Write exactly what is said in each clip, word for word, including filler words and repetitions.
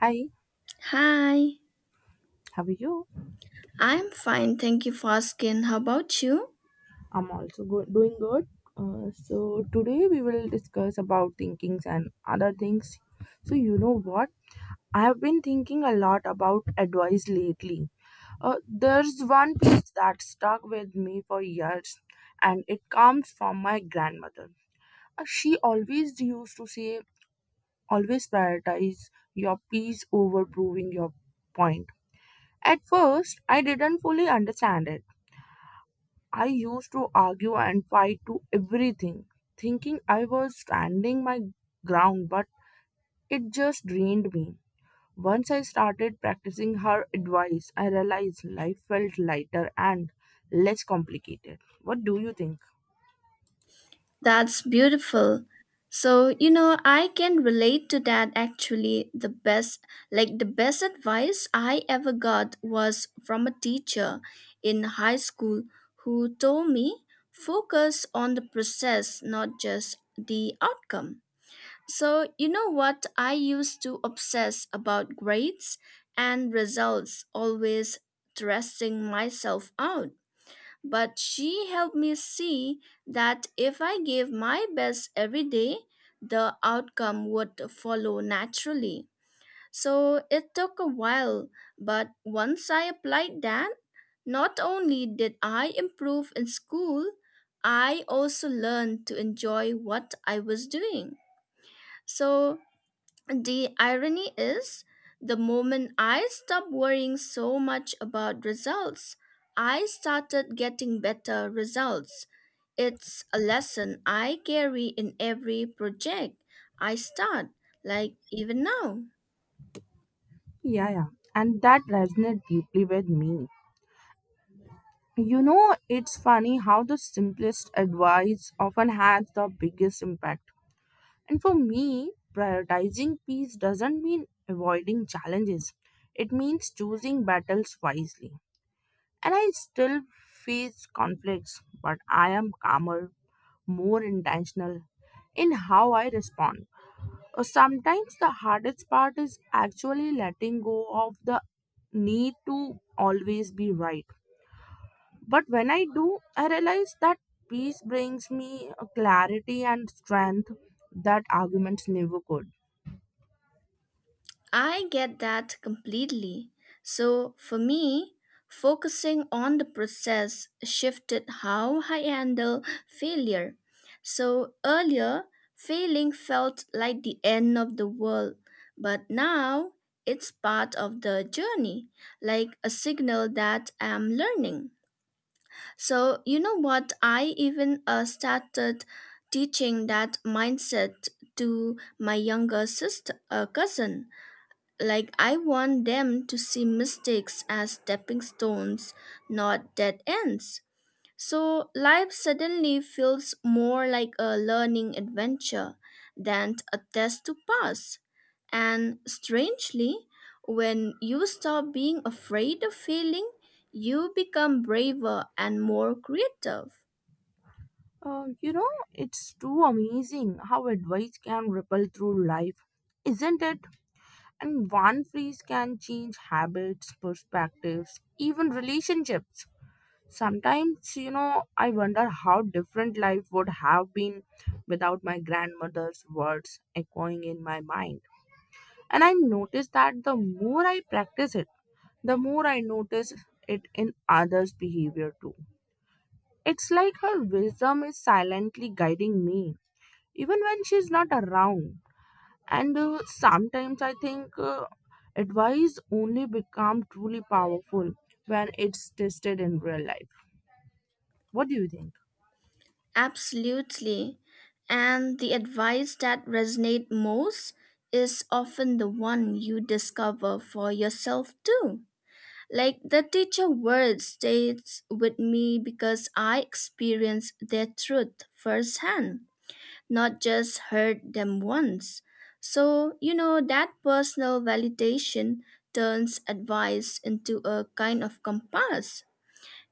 Hi, Hi, how are you? I'm fine. Thank you for asking. How about you? I'm also go- doing good. Uh, so today we will discuss about thinkings and other things. So you know what? I have been thinking a lot about advice lately. Uh, there's one piece that stuck with me for years, and it comes from my grandmother. Uh, she always used to say, always prioritize your peace over proving your point. At first, I didn't fully understand it. I used to argue and fight to everything, thinking I was standing my ground, but it just drained me. Once I started practicing her advice, I realized life felt lighter and less complicated. What do you think? That's beautiful. So, you know, I can relate to that actually. The best, like, the best advice I ever got was from a teacher in high school who told me focus on the process, not just the outcome. So, you know what? I used to obsess about grades and results, always stressing myself out. But she helped me see that if I gave my best every day, the outcome would follow naturally. So it took a while, but once I applied that, not only did I improve in school, I also learned to enjoy what I was doing. So the irony is, the moment I stopped worrying so much about results, I started getting better results. It's a lesson I carry in every project I start, like even now. Yeah, yeah. And that resonates deeply with me. You know, it's funny how the simplest advice often has the biggest impact. And for me, prioritizing peace doesn't mean avoiding challenges, it means choosing battles wisely. And I still face conflicts, but I am calmer, more intentional in how I respond. Uh, Sometimes the hardest part is actually letting go of the need to always be right. But when I do, I realize that peace brings me a clarity and strength that arguments never could. I get that completely. So for me, focusing on the process shifted how I handle failure. So earlier, failing felt like the end of the world, but now it's part of the journey, like a signal that I'm learning. So, you know what? I even uh, started teaching that mindset to my younger sister, uh, cousin. Like, I want them to see mistakes as stepping stones, not dead ends. So, life suddenly feels more like a learning adventure than a test to pass. And strangely, when you stop being afraid of failing, you become braver and more creative. Uh, you know, it's too amazing how advice can ripple through life, isn't it? And one phrase can change habits, perspectives, even relationships. Sometimes, you know, I wonder how different life would have been without my grandmother's words echoing in my mind. And I notice that the more I practice it, the more I notice it in others' behavior too. It's like her wisdom is silently guiding me even when she's not around. And uh, sometimes I think uh, advice only become truly powerful when it's tested in real life. What do you think? Absolutely. And the advice that resonate most is often the one you discover for yourself too. Like the teacher words stays with me because I experienced their truth firsthand, not just heard them once. So, you know, that personal validation turns advice into a kind of compass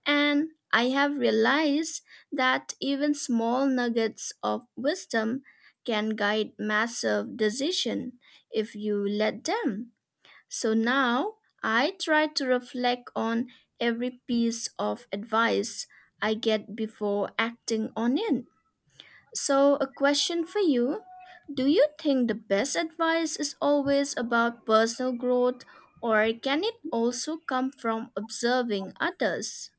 and I have realized that even small nuggets of wisdom can guide massive decision if you let them. So now I try to reflect on every piece of advice I get before acting on it. So a question for you. Do you think the best advice is always about personal growth or can it also come from observing others?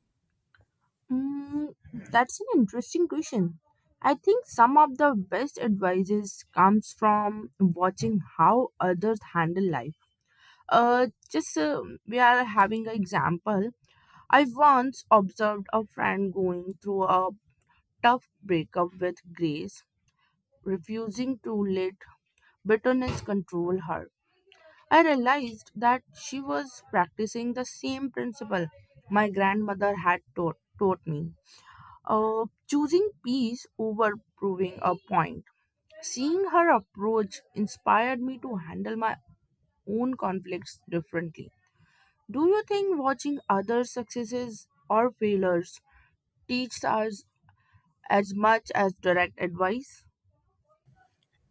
Mm, that's an interesting question. I think some of the best advices comes from watching how others handle life. Uh, just uh, we are having an example. I once observed a friend going through a tough breakup with grace refusing to let bitterness control her. I realized that she was practicing the same principle my grandmother had taught, taught me, uh, choosing peace over proving a point. Seeing her approach inspired me to handle my own conflicts differently. Do you think watching other successes or failures teaches us as much as direct advice?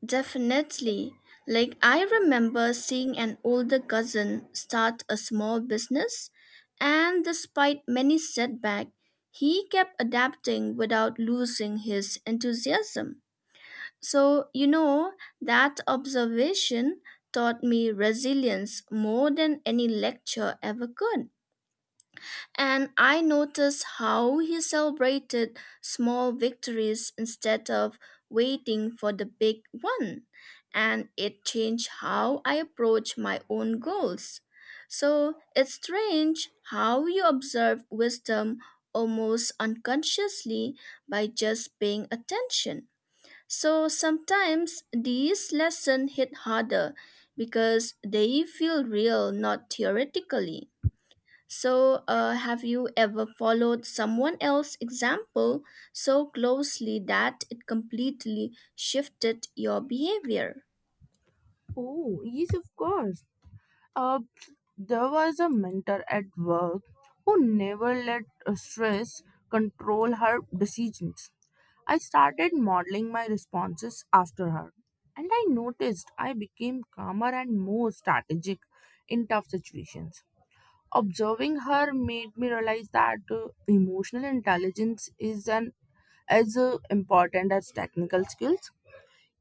Definitely. Like, I remember seeing an older cousin start a small business, and despite many setbacks, he kept adapting without losing his enthusiasm. So, you know, that observation taught me resilience more than any lecture ever could. And I noticed how he celebrated small victories instead of waiting for the big one. And it changed how I approach my own goals. So it's strange how you observe wisdom almost unconsciously by just paying attention. So sometimes these lessons hit harder because they feel real, not theoretically. So, uh, have you ever followed someone else's example so closely that it completely shifted your behavior? Oh, yes, of course. Uh, there was a mentor at work who never let uh, stress control her decisions. I started modeling my responses after her, and I noticed I became calmer and more strategic in tough situations. Observing her made me realize that uh, emotional intelligence is an as uh, important as technical skills.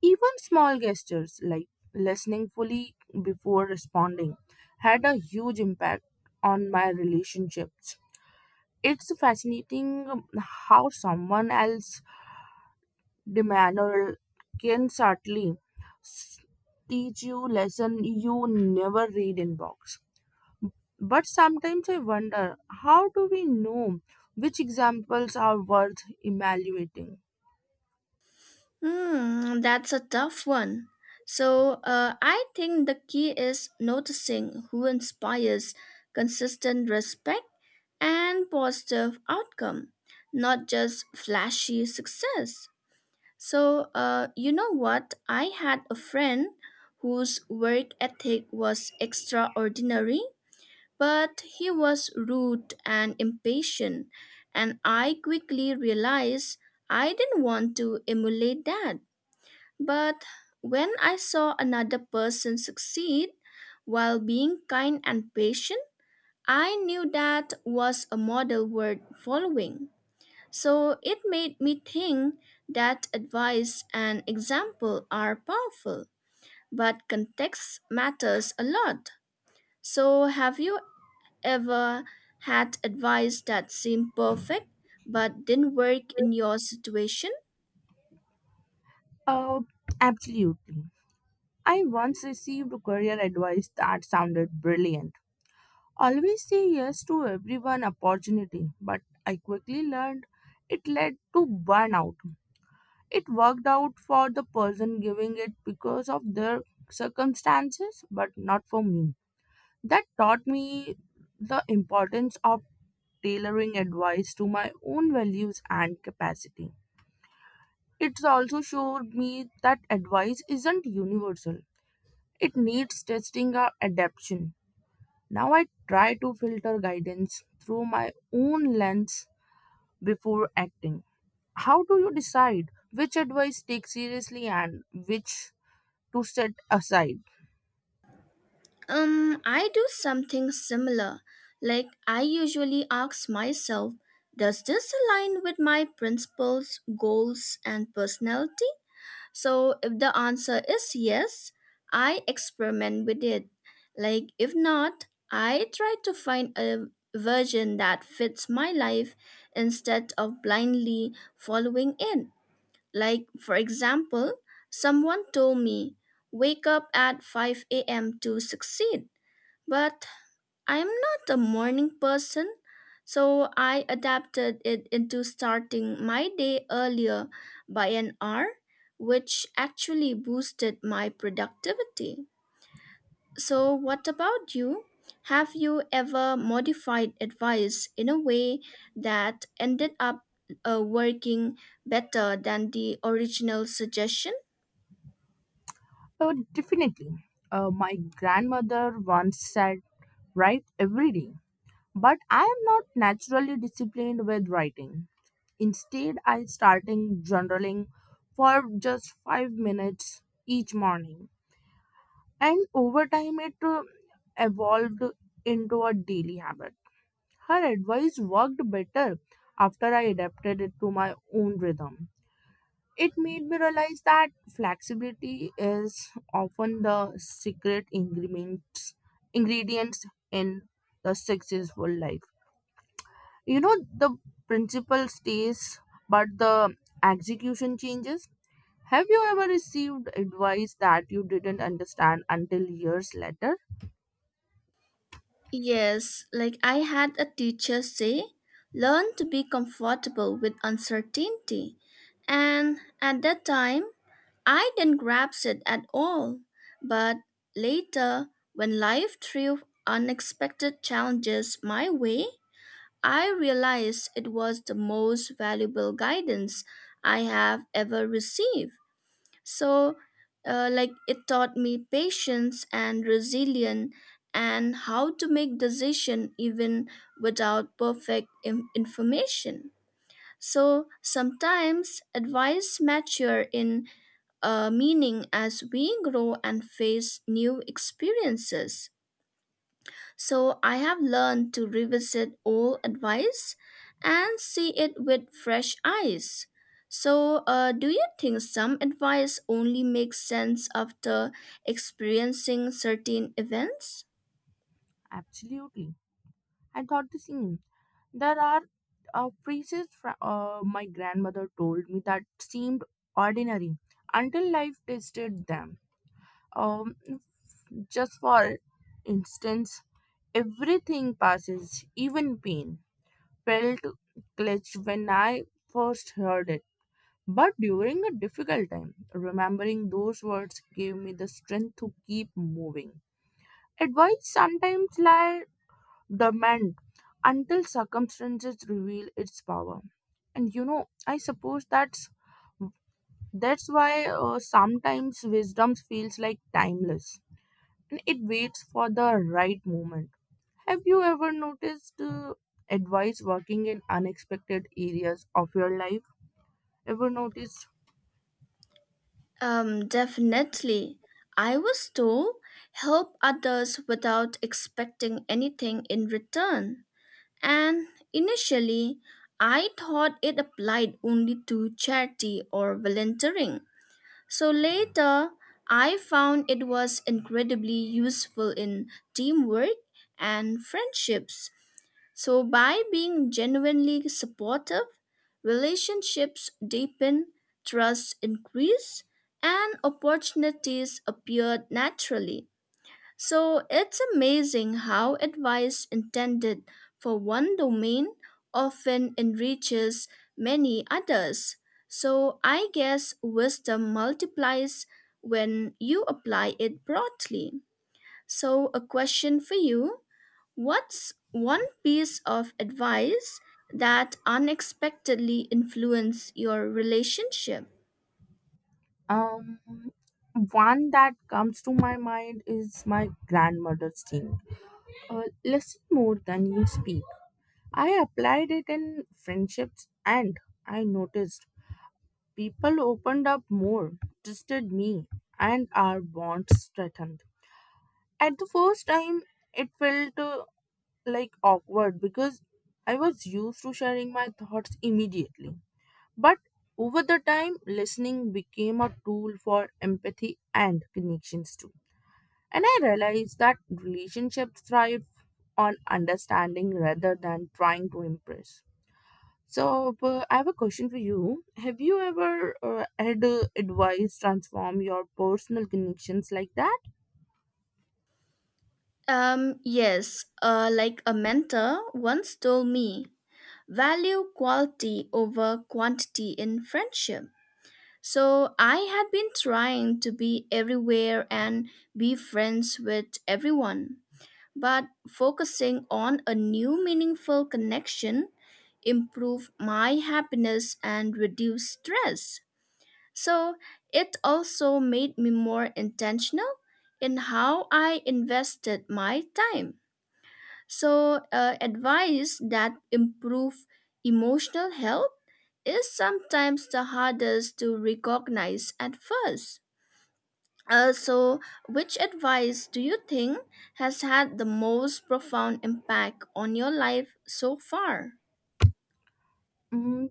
Even small gestures like listening fully before responding had a huge impact on my relationships. It's fascinating how someone else's demeanor can subtly s- teach you lesson you never read in books. But sometimes I wonder how do we know which examples are worth evaluating? Hmm, that's a tough one. So, uh, I think the key is noticing who inspires consistent respect and positive outcome, not just flashy success. So, uh, you know what? I had a friend whose work ethic was extraordinary, but he was rude and impatient, and I quickly realized I didn't want to emulate that. But when I saw another person succeed while being kind and patient, I knew that was a model worth following. So it made me think that advice and example are powerful, but context matters a lot. So have you ever had advice that seemed perfect but didn't work in your situation? Uh, absolutely. I once received career advice that sounded brilliant. Always say yes to everyone opportunity, but I quickly learned it led to burnout. It worked out for the person giving it because of their circumstances, but not for me. That taught me the importance of tailoring advice to my own values and capacity. It's also showed me that advice isn't universal. It needs testing or adaptation. Now I try to filter guidance through my own lens before acting. How do you decide which advice take seriously and which to set aside? Um, I do something similar. Like I usually ask myself, does this align with my principles, goals, and personality? So if the answer is yes, I experiment with it. Like if not, I try to find a version that fits my life instead of blindly following it. Like for example, someone told me wake up at five a m to succeed, but I'm not a morning person, so I adapted it into starting my day earlier by an hour, which actually boosted my productivity. So, what about you? Have you ever modified advice in a way that ended up uh, working better than the original suggestion? Uh, definitely. Uh, my grandmother once said, write every day. But I am not naturally disciplined with writing. Instead, I starting journaling for just five minutes each morning. And over time, it uh, evolved into a daily habit. Her advice worked better after I adapted it to my own rhythm. It made me realize that flexibility is often the secret ingredients ingredients in the successful life. You know, the principle stays, but the execution changes. Have you ever received advice that you didn't understand until years later? Yes, like I had a teacher say, learn to be comfortable with uncertainty. And at that time, I didn't grasp it at all. But later, when life threw unexpected challenges my way, I realized it was the most valuable guidance I have ever received. So, uh, like, it taught me patience and resilience and how to make decision even without perfect in- information. So sometimes advice mature in uh, meaning as we grow and face new experiences. So I have learned to revisit old advice and see it with fresh eyes. So, uh, do you think some advice only makes sense after experiencing certain events? Absolutely. I thought the same. There are uh, phrases fr- uh, my grandmother told me that seemed ordinary until life tested them. Um, just for instance, everything passes, even pain, felt clutched when I first heard it. But during a difficult time, remembering those words gave me the strength to keep moving. Advice sometimes lies dormant until circumstances reveal its power. And you know, I suppose that's that's why uh, sometimes wisdom feels like timeless and it waits for the right moment. Have you ever noticed uh, advice working in unexpected areas of your life? Ever noticed. Um, definitely. I was told help others without expecting anything in return. And initially, I thought it applied only to charity or volunteering. So later, I found it was incredibly useful in teamwork and friendships. So by being genuinely supportive, relationships deepen, trust increase, and opportunities appeared naturally. So it's amazing how advice intended for one domain often enriches many others. So I guess wisdom multiplies when you apply it broadly. So, a question for you. What's one piece of advice that unexpectedly influenced your relationship? Um, One that comes to my mind is my grandmother's thing. Uh, listen more than you speak. I applied it in friendships and I noticed people opened up more, trusted me, and our bonds strengthened. At the first time, it felt uh, like awkward because I was used to sharing my thoughts immediately. But over the time, listening became a tool for empathy and connections too. And I realized that relationships thrive on understanding rather than trying to impress. So, uh, I have a question for you. Have you ever uh, had uh, advice transform your personal connections like that? Um, yes, uh, like a mentor once told me value quality over quantity in friendship. So I had been trying to be everywhere and be friends with everyone, but focusing on a new meaningful connection improved my happiness and reduced stress. So it also made me more intentional in how I invested my time. So, uh, advice that improve emotional health is sometimes the hardest to recognize at first. Uh, so, which advice do you think has had the most profound impact on your life so far? Mm,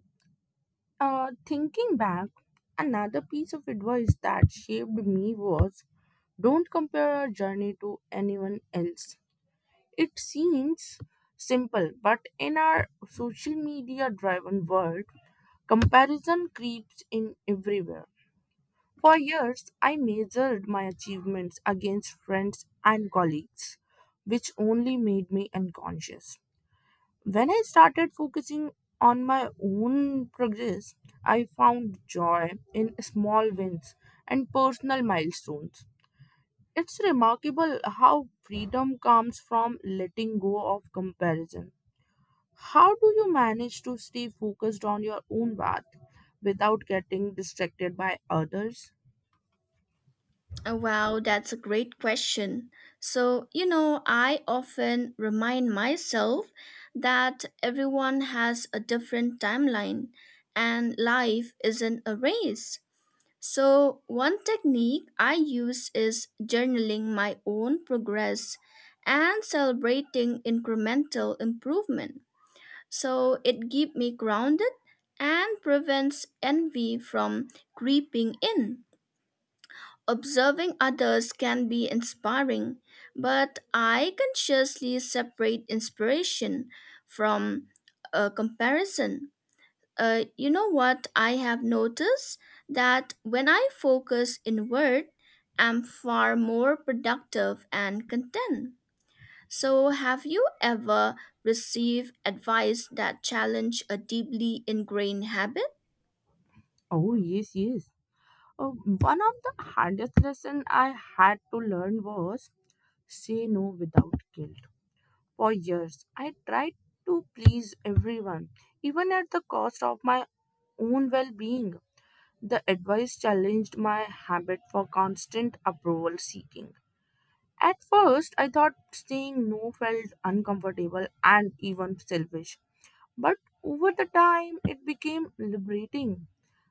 uh, Thinking back, another piece of advice that shaped me was don't compare our journey to anyone else. It seems simple, but in our social media driven world, comparison creeps in everywhere. For years, I measured my achievements against friends and colleagues, which only made me unconscious. When I started focusing on my own progress, I found joy in small wins and personal milestones. It's remarkable how freedom comes from letting go of comparison. How do you manage to stay focused on your own path without getting distracted by others? Uh, Wow, that's a great question. So, you know, I often remind myself that everyone has a different timeline and life isn't a race. So, one technique I use is journaling my own progress and celebrating incremental improvement. So, it keeps me grounded and prevents envy from creeping in. Observing others can be inspiring, but I consciously separate inspiration from a comparison. Uh, you know what I have noticed? That when I focus inward, I'm far more productive and content. So, have you ever received advice that challenged a deeply ingrained habit? Oh, yes, yes. Uh, one of the hardest lessons I had to learn was say no without guilt. For years, I tried to please everyone, even at the cost of my own well being. The advice challenged my habit for constant approval seeking. At first, I thought saying no felt uncomfortable and even selfish, but over the time, it became liberating.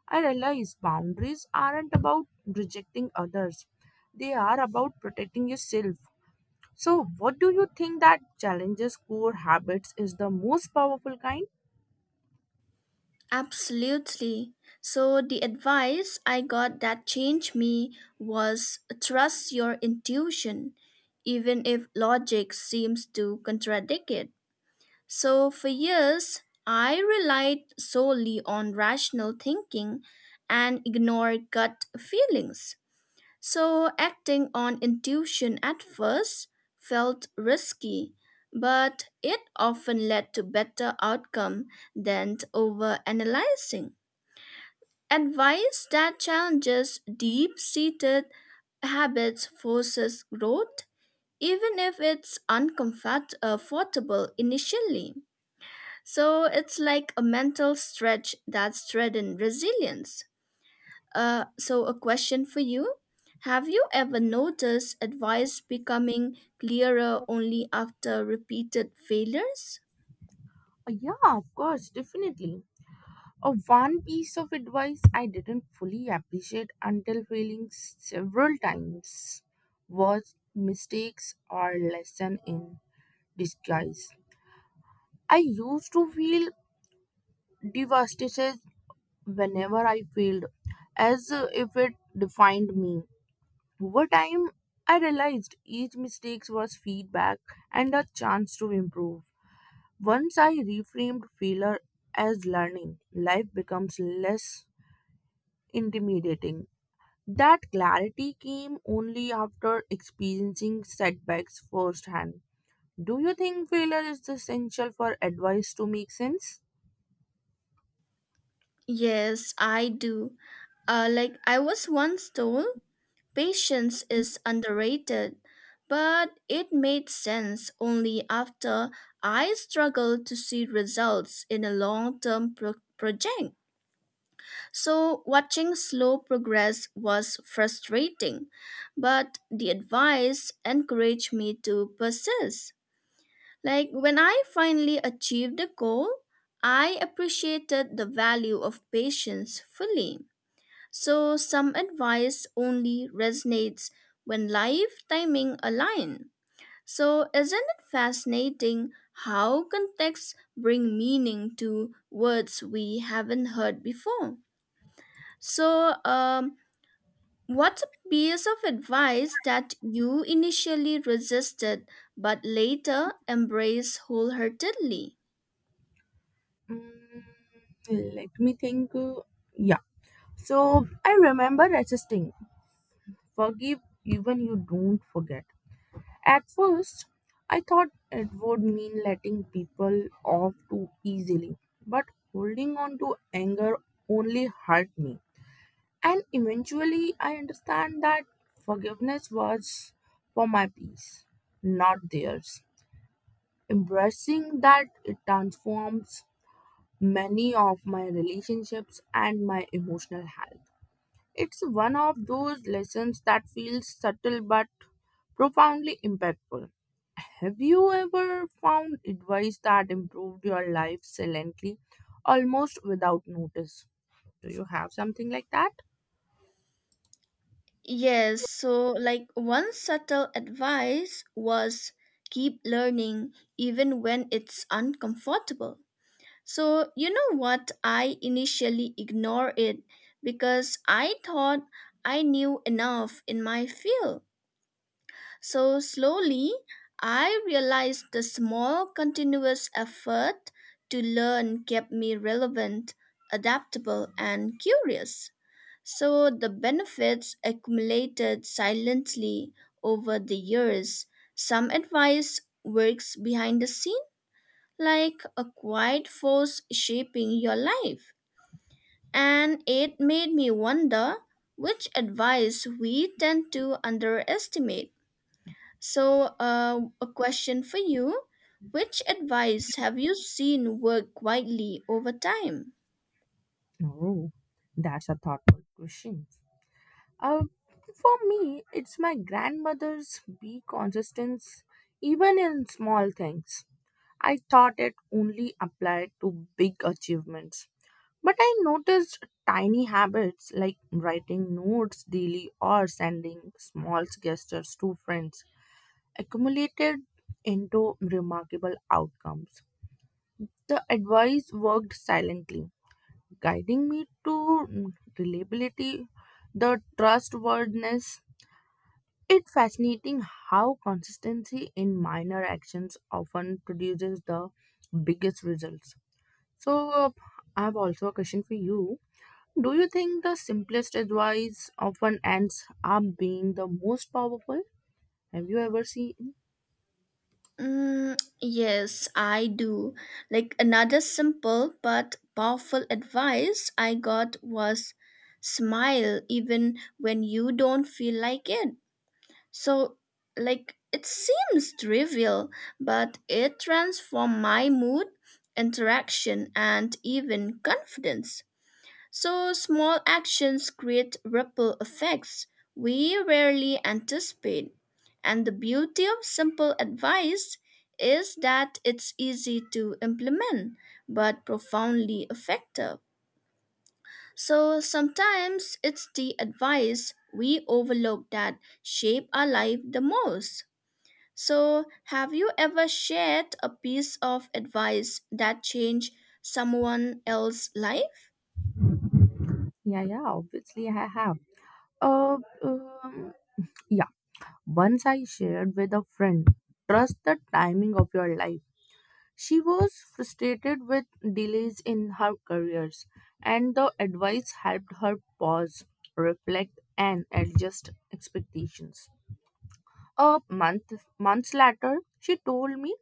I realized boundaries aren't about rejecting others, they are about protecting yourself. So, what do you think that challenges core habits is the most powerful kind? Absolutely. So, the advice I got that changed me was trust your intuition, even if logic seems to contradict it. So, for years, I relied solely on rational thinking and ignored gut feelings. So, acting on intuition at first felt risky, but it often led to better outcome than overanalyzing. Advice that challenges deep-seated habits forces growth, even if it's uncomfortable initially. So it's like a mental stretch that's threatened resilience. Uh, so, a question for you. Have you ever noticed advice becoming clearer only after repeated failures? Uh, Yeah, of course, definitely. Uh, one piece of advice I didn't fully appreciate until failing several times was mistakes are lesson in disguise. I used to feel devastated whenever I failed, as uh, if it defined me. Over time, I realized each mistake was feedback and a chance to improve. Once I reframed failure as learning, life becomes less intimidating. That clarity came only after experiencing setbacks firsthand. Do you think failure is essential for advice to make sense? Yes, I do. Uh, like, I was once told patience is underrated, but it made sense only after I struggled to see results in a long term project. So, watching slow progress was frustrating, but the advice encouraged me to persist. Like when I finally achieved the goal, I appreciated the value of patience fully. So, some advice only resonates when life timing align. So, isn't it fascinating how contexts bring meaning to words we haven't heard before? So, um, what's a piece of advice that you initially resisted but later embraced wholeheartedly? Mm, Let me think. uh, Yeah. So I remember resisting. Forgive even you don't forget. At first, I thought it would mean letting people off too easily, but holding on to anger only hurt me. And eventually, I understand that forgiveness was for my peace, not theirs. Embracing that, it transforms many of my relationships and my emotional health. It's one of those lessons that feels subtle but profoundly impactful. Have you ever found advice that improved your life silently, almost without notice? Do you have something like that? Yes, so like one subtle advice was keep learning even when it's uncomfortable. So, you know what? I initially ignored it because I thought I knew enough in my field. So slowly, I realized the small continuous effort to learn kept me relevant, adaptable, and curious. So the benefits accumulated silently over the years. Some advice works behind the scene, like a quiet force shaping your life. And it made me wonder which advice we tend to underestimate. So, uh, a question for you. Which advice have you seen work widely over time? Oh, that's a thoughtful question. Uh, for me, it's my grandmother's be consistence, even in small things. I thought it only applied to big achievements, but I noticed tiny habits like writing notes daily or sending small gestures to friends accumulated into remarkable outcomes. The advice worked silently guiding me to mm, reliability, the trustworthiness. It's fascinating how consistency in minor actions often produces the biggest results. So, uh, I have also a question for you. Do you think the simplest advice often ends up being the most powerful? Have you ever seen? Mm, yes, I do. Like another simple but powerful advice I got was smile even when you don't feel like it. So, like, it seems trivial, but it transformed my mood, interaction, and even confidence. So small actions create ripple effects we rarely anticipate. And the beauty of simple advice is that it's easy to implement but profoundly effective. So sometimes it's the advice we overlook that shape our life the most. So have you ever shared a piece of advice that changed someone else's life? Yeah, yeah, obviously I have. Uh, um, yeah, Once I shared with a friend, trust the timing of your life. She was frustrated with delays in her careers, and the advice helped her pause, reflect, and adjust expectations. A month Months later, she told me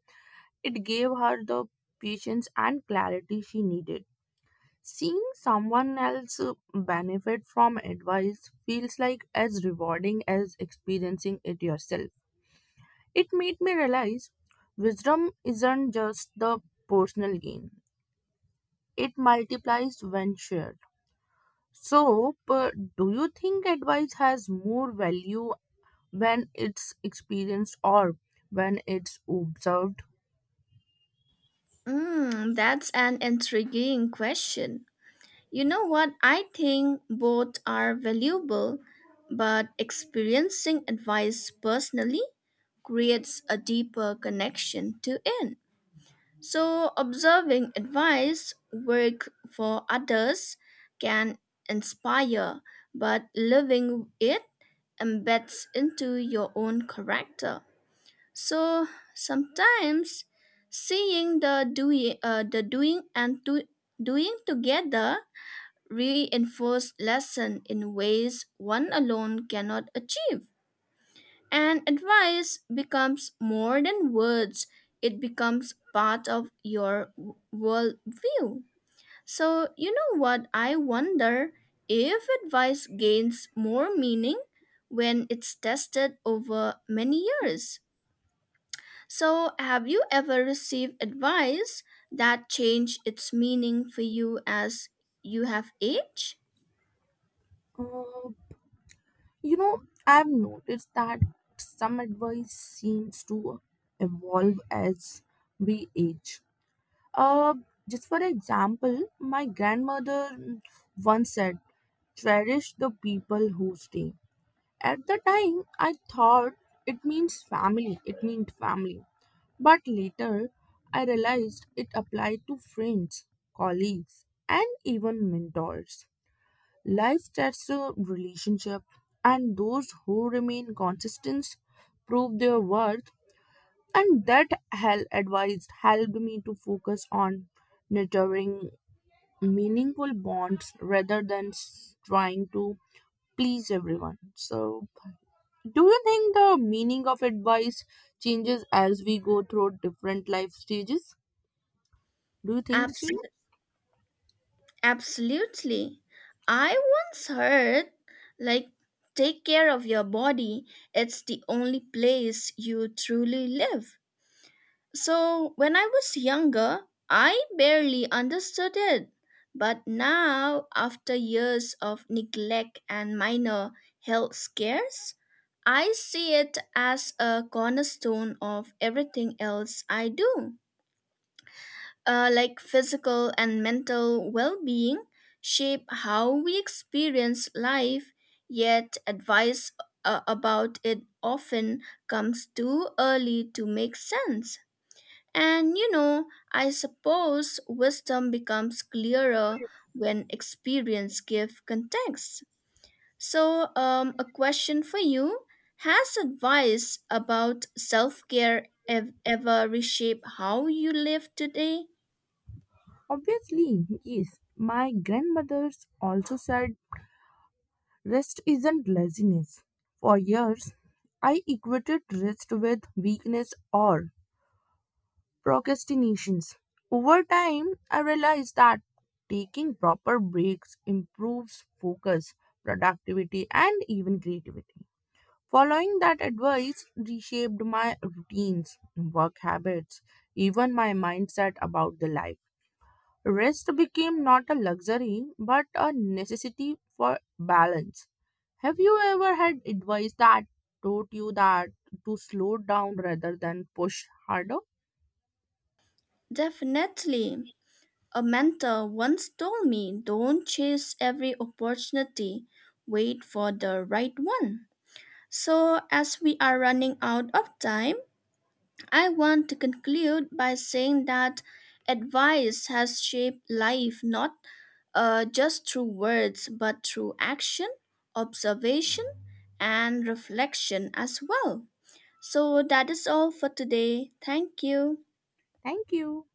it gave her the patience and clarity she needed. Seeing someone else uh, benefit from advice feels like as rewarding as experiencing it yourself. It made me realize wisdom isn't just the personal gain. It multiplies when shared. So, but do you think advice has more value when it's experienced or when it's observed? Mm, that's an intriguing question. You know what? I think both are valuable, but experiencing advice personally creates a deeper connection to it. So, observing advice work for others can inspire, but living it embeds into your own character. So sometimes seeing the doing, uh, the doing and do, doing together reinforce lesson in ways one alone cannot achieve. And advice becomes more than words; it becomes part of your w- worldview. So you know what I wonder if advice gains more meaning when it's tested over many years. So, have you ever received advice that changed its meaning for you as you have aged? Uh, you know, I've noticed that some advice seems to evolve as we age. Uh, just for example, my grandmother once said, cherish the people who stay. At the time, I thought it means family, it meant family. But later, I realized it applied to friends, colleagues, and even mentors. Life tests a relationship, and those who remain consistent prove their worth. And that hell advice helped me to focus on nurturing meaningful bonds rather than s- trying to please everyone. So, do you think the meaning of advice changes as we go through different life stages? Do you think the same? Abs- absolutely. I once heard, like, take care of your body, it's the only place you truly live. So, when I was younger, I barely understood it. But now, after years of neglect and minor health scares, I see it as a cornerstone of everything else I do. Uh, like physical and mental well being shape how we experience life, yet, advice uh, about it often comes too early to make sense. And you know, I suppose wisdom becomes clearer when experience gives context. So, um, a question for you. Has advice about self care ev- ever reshaped how you live today? Obviously, yes. My grandmother's also said rest isn't laziness. For years, I equated rest with weakness or procrastinations. Over time, I realized that taking proper breaks improves focus, productivity, and even creativity. Following that advice reshaped my routines, work habits, even my mindset about the life. Rest became not a luxury but a necessity for balance. Have you ever had advice that taught you that to slow down rather than push harder? Definitely. A mentor once told me don't chase every opportunity, wait for the right one. So, as we are running out of time, I want to conclude by saying that advice has shaped life not uh, just through words but through action, observation, and reflection as well. So that is all for today. Thank you. Thank you.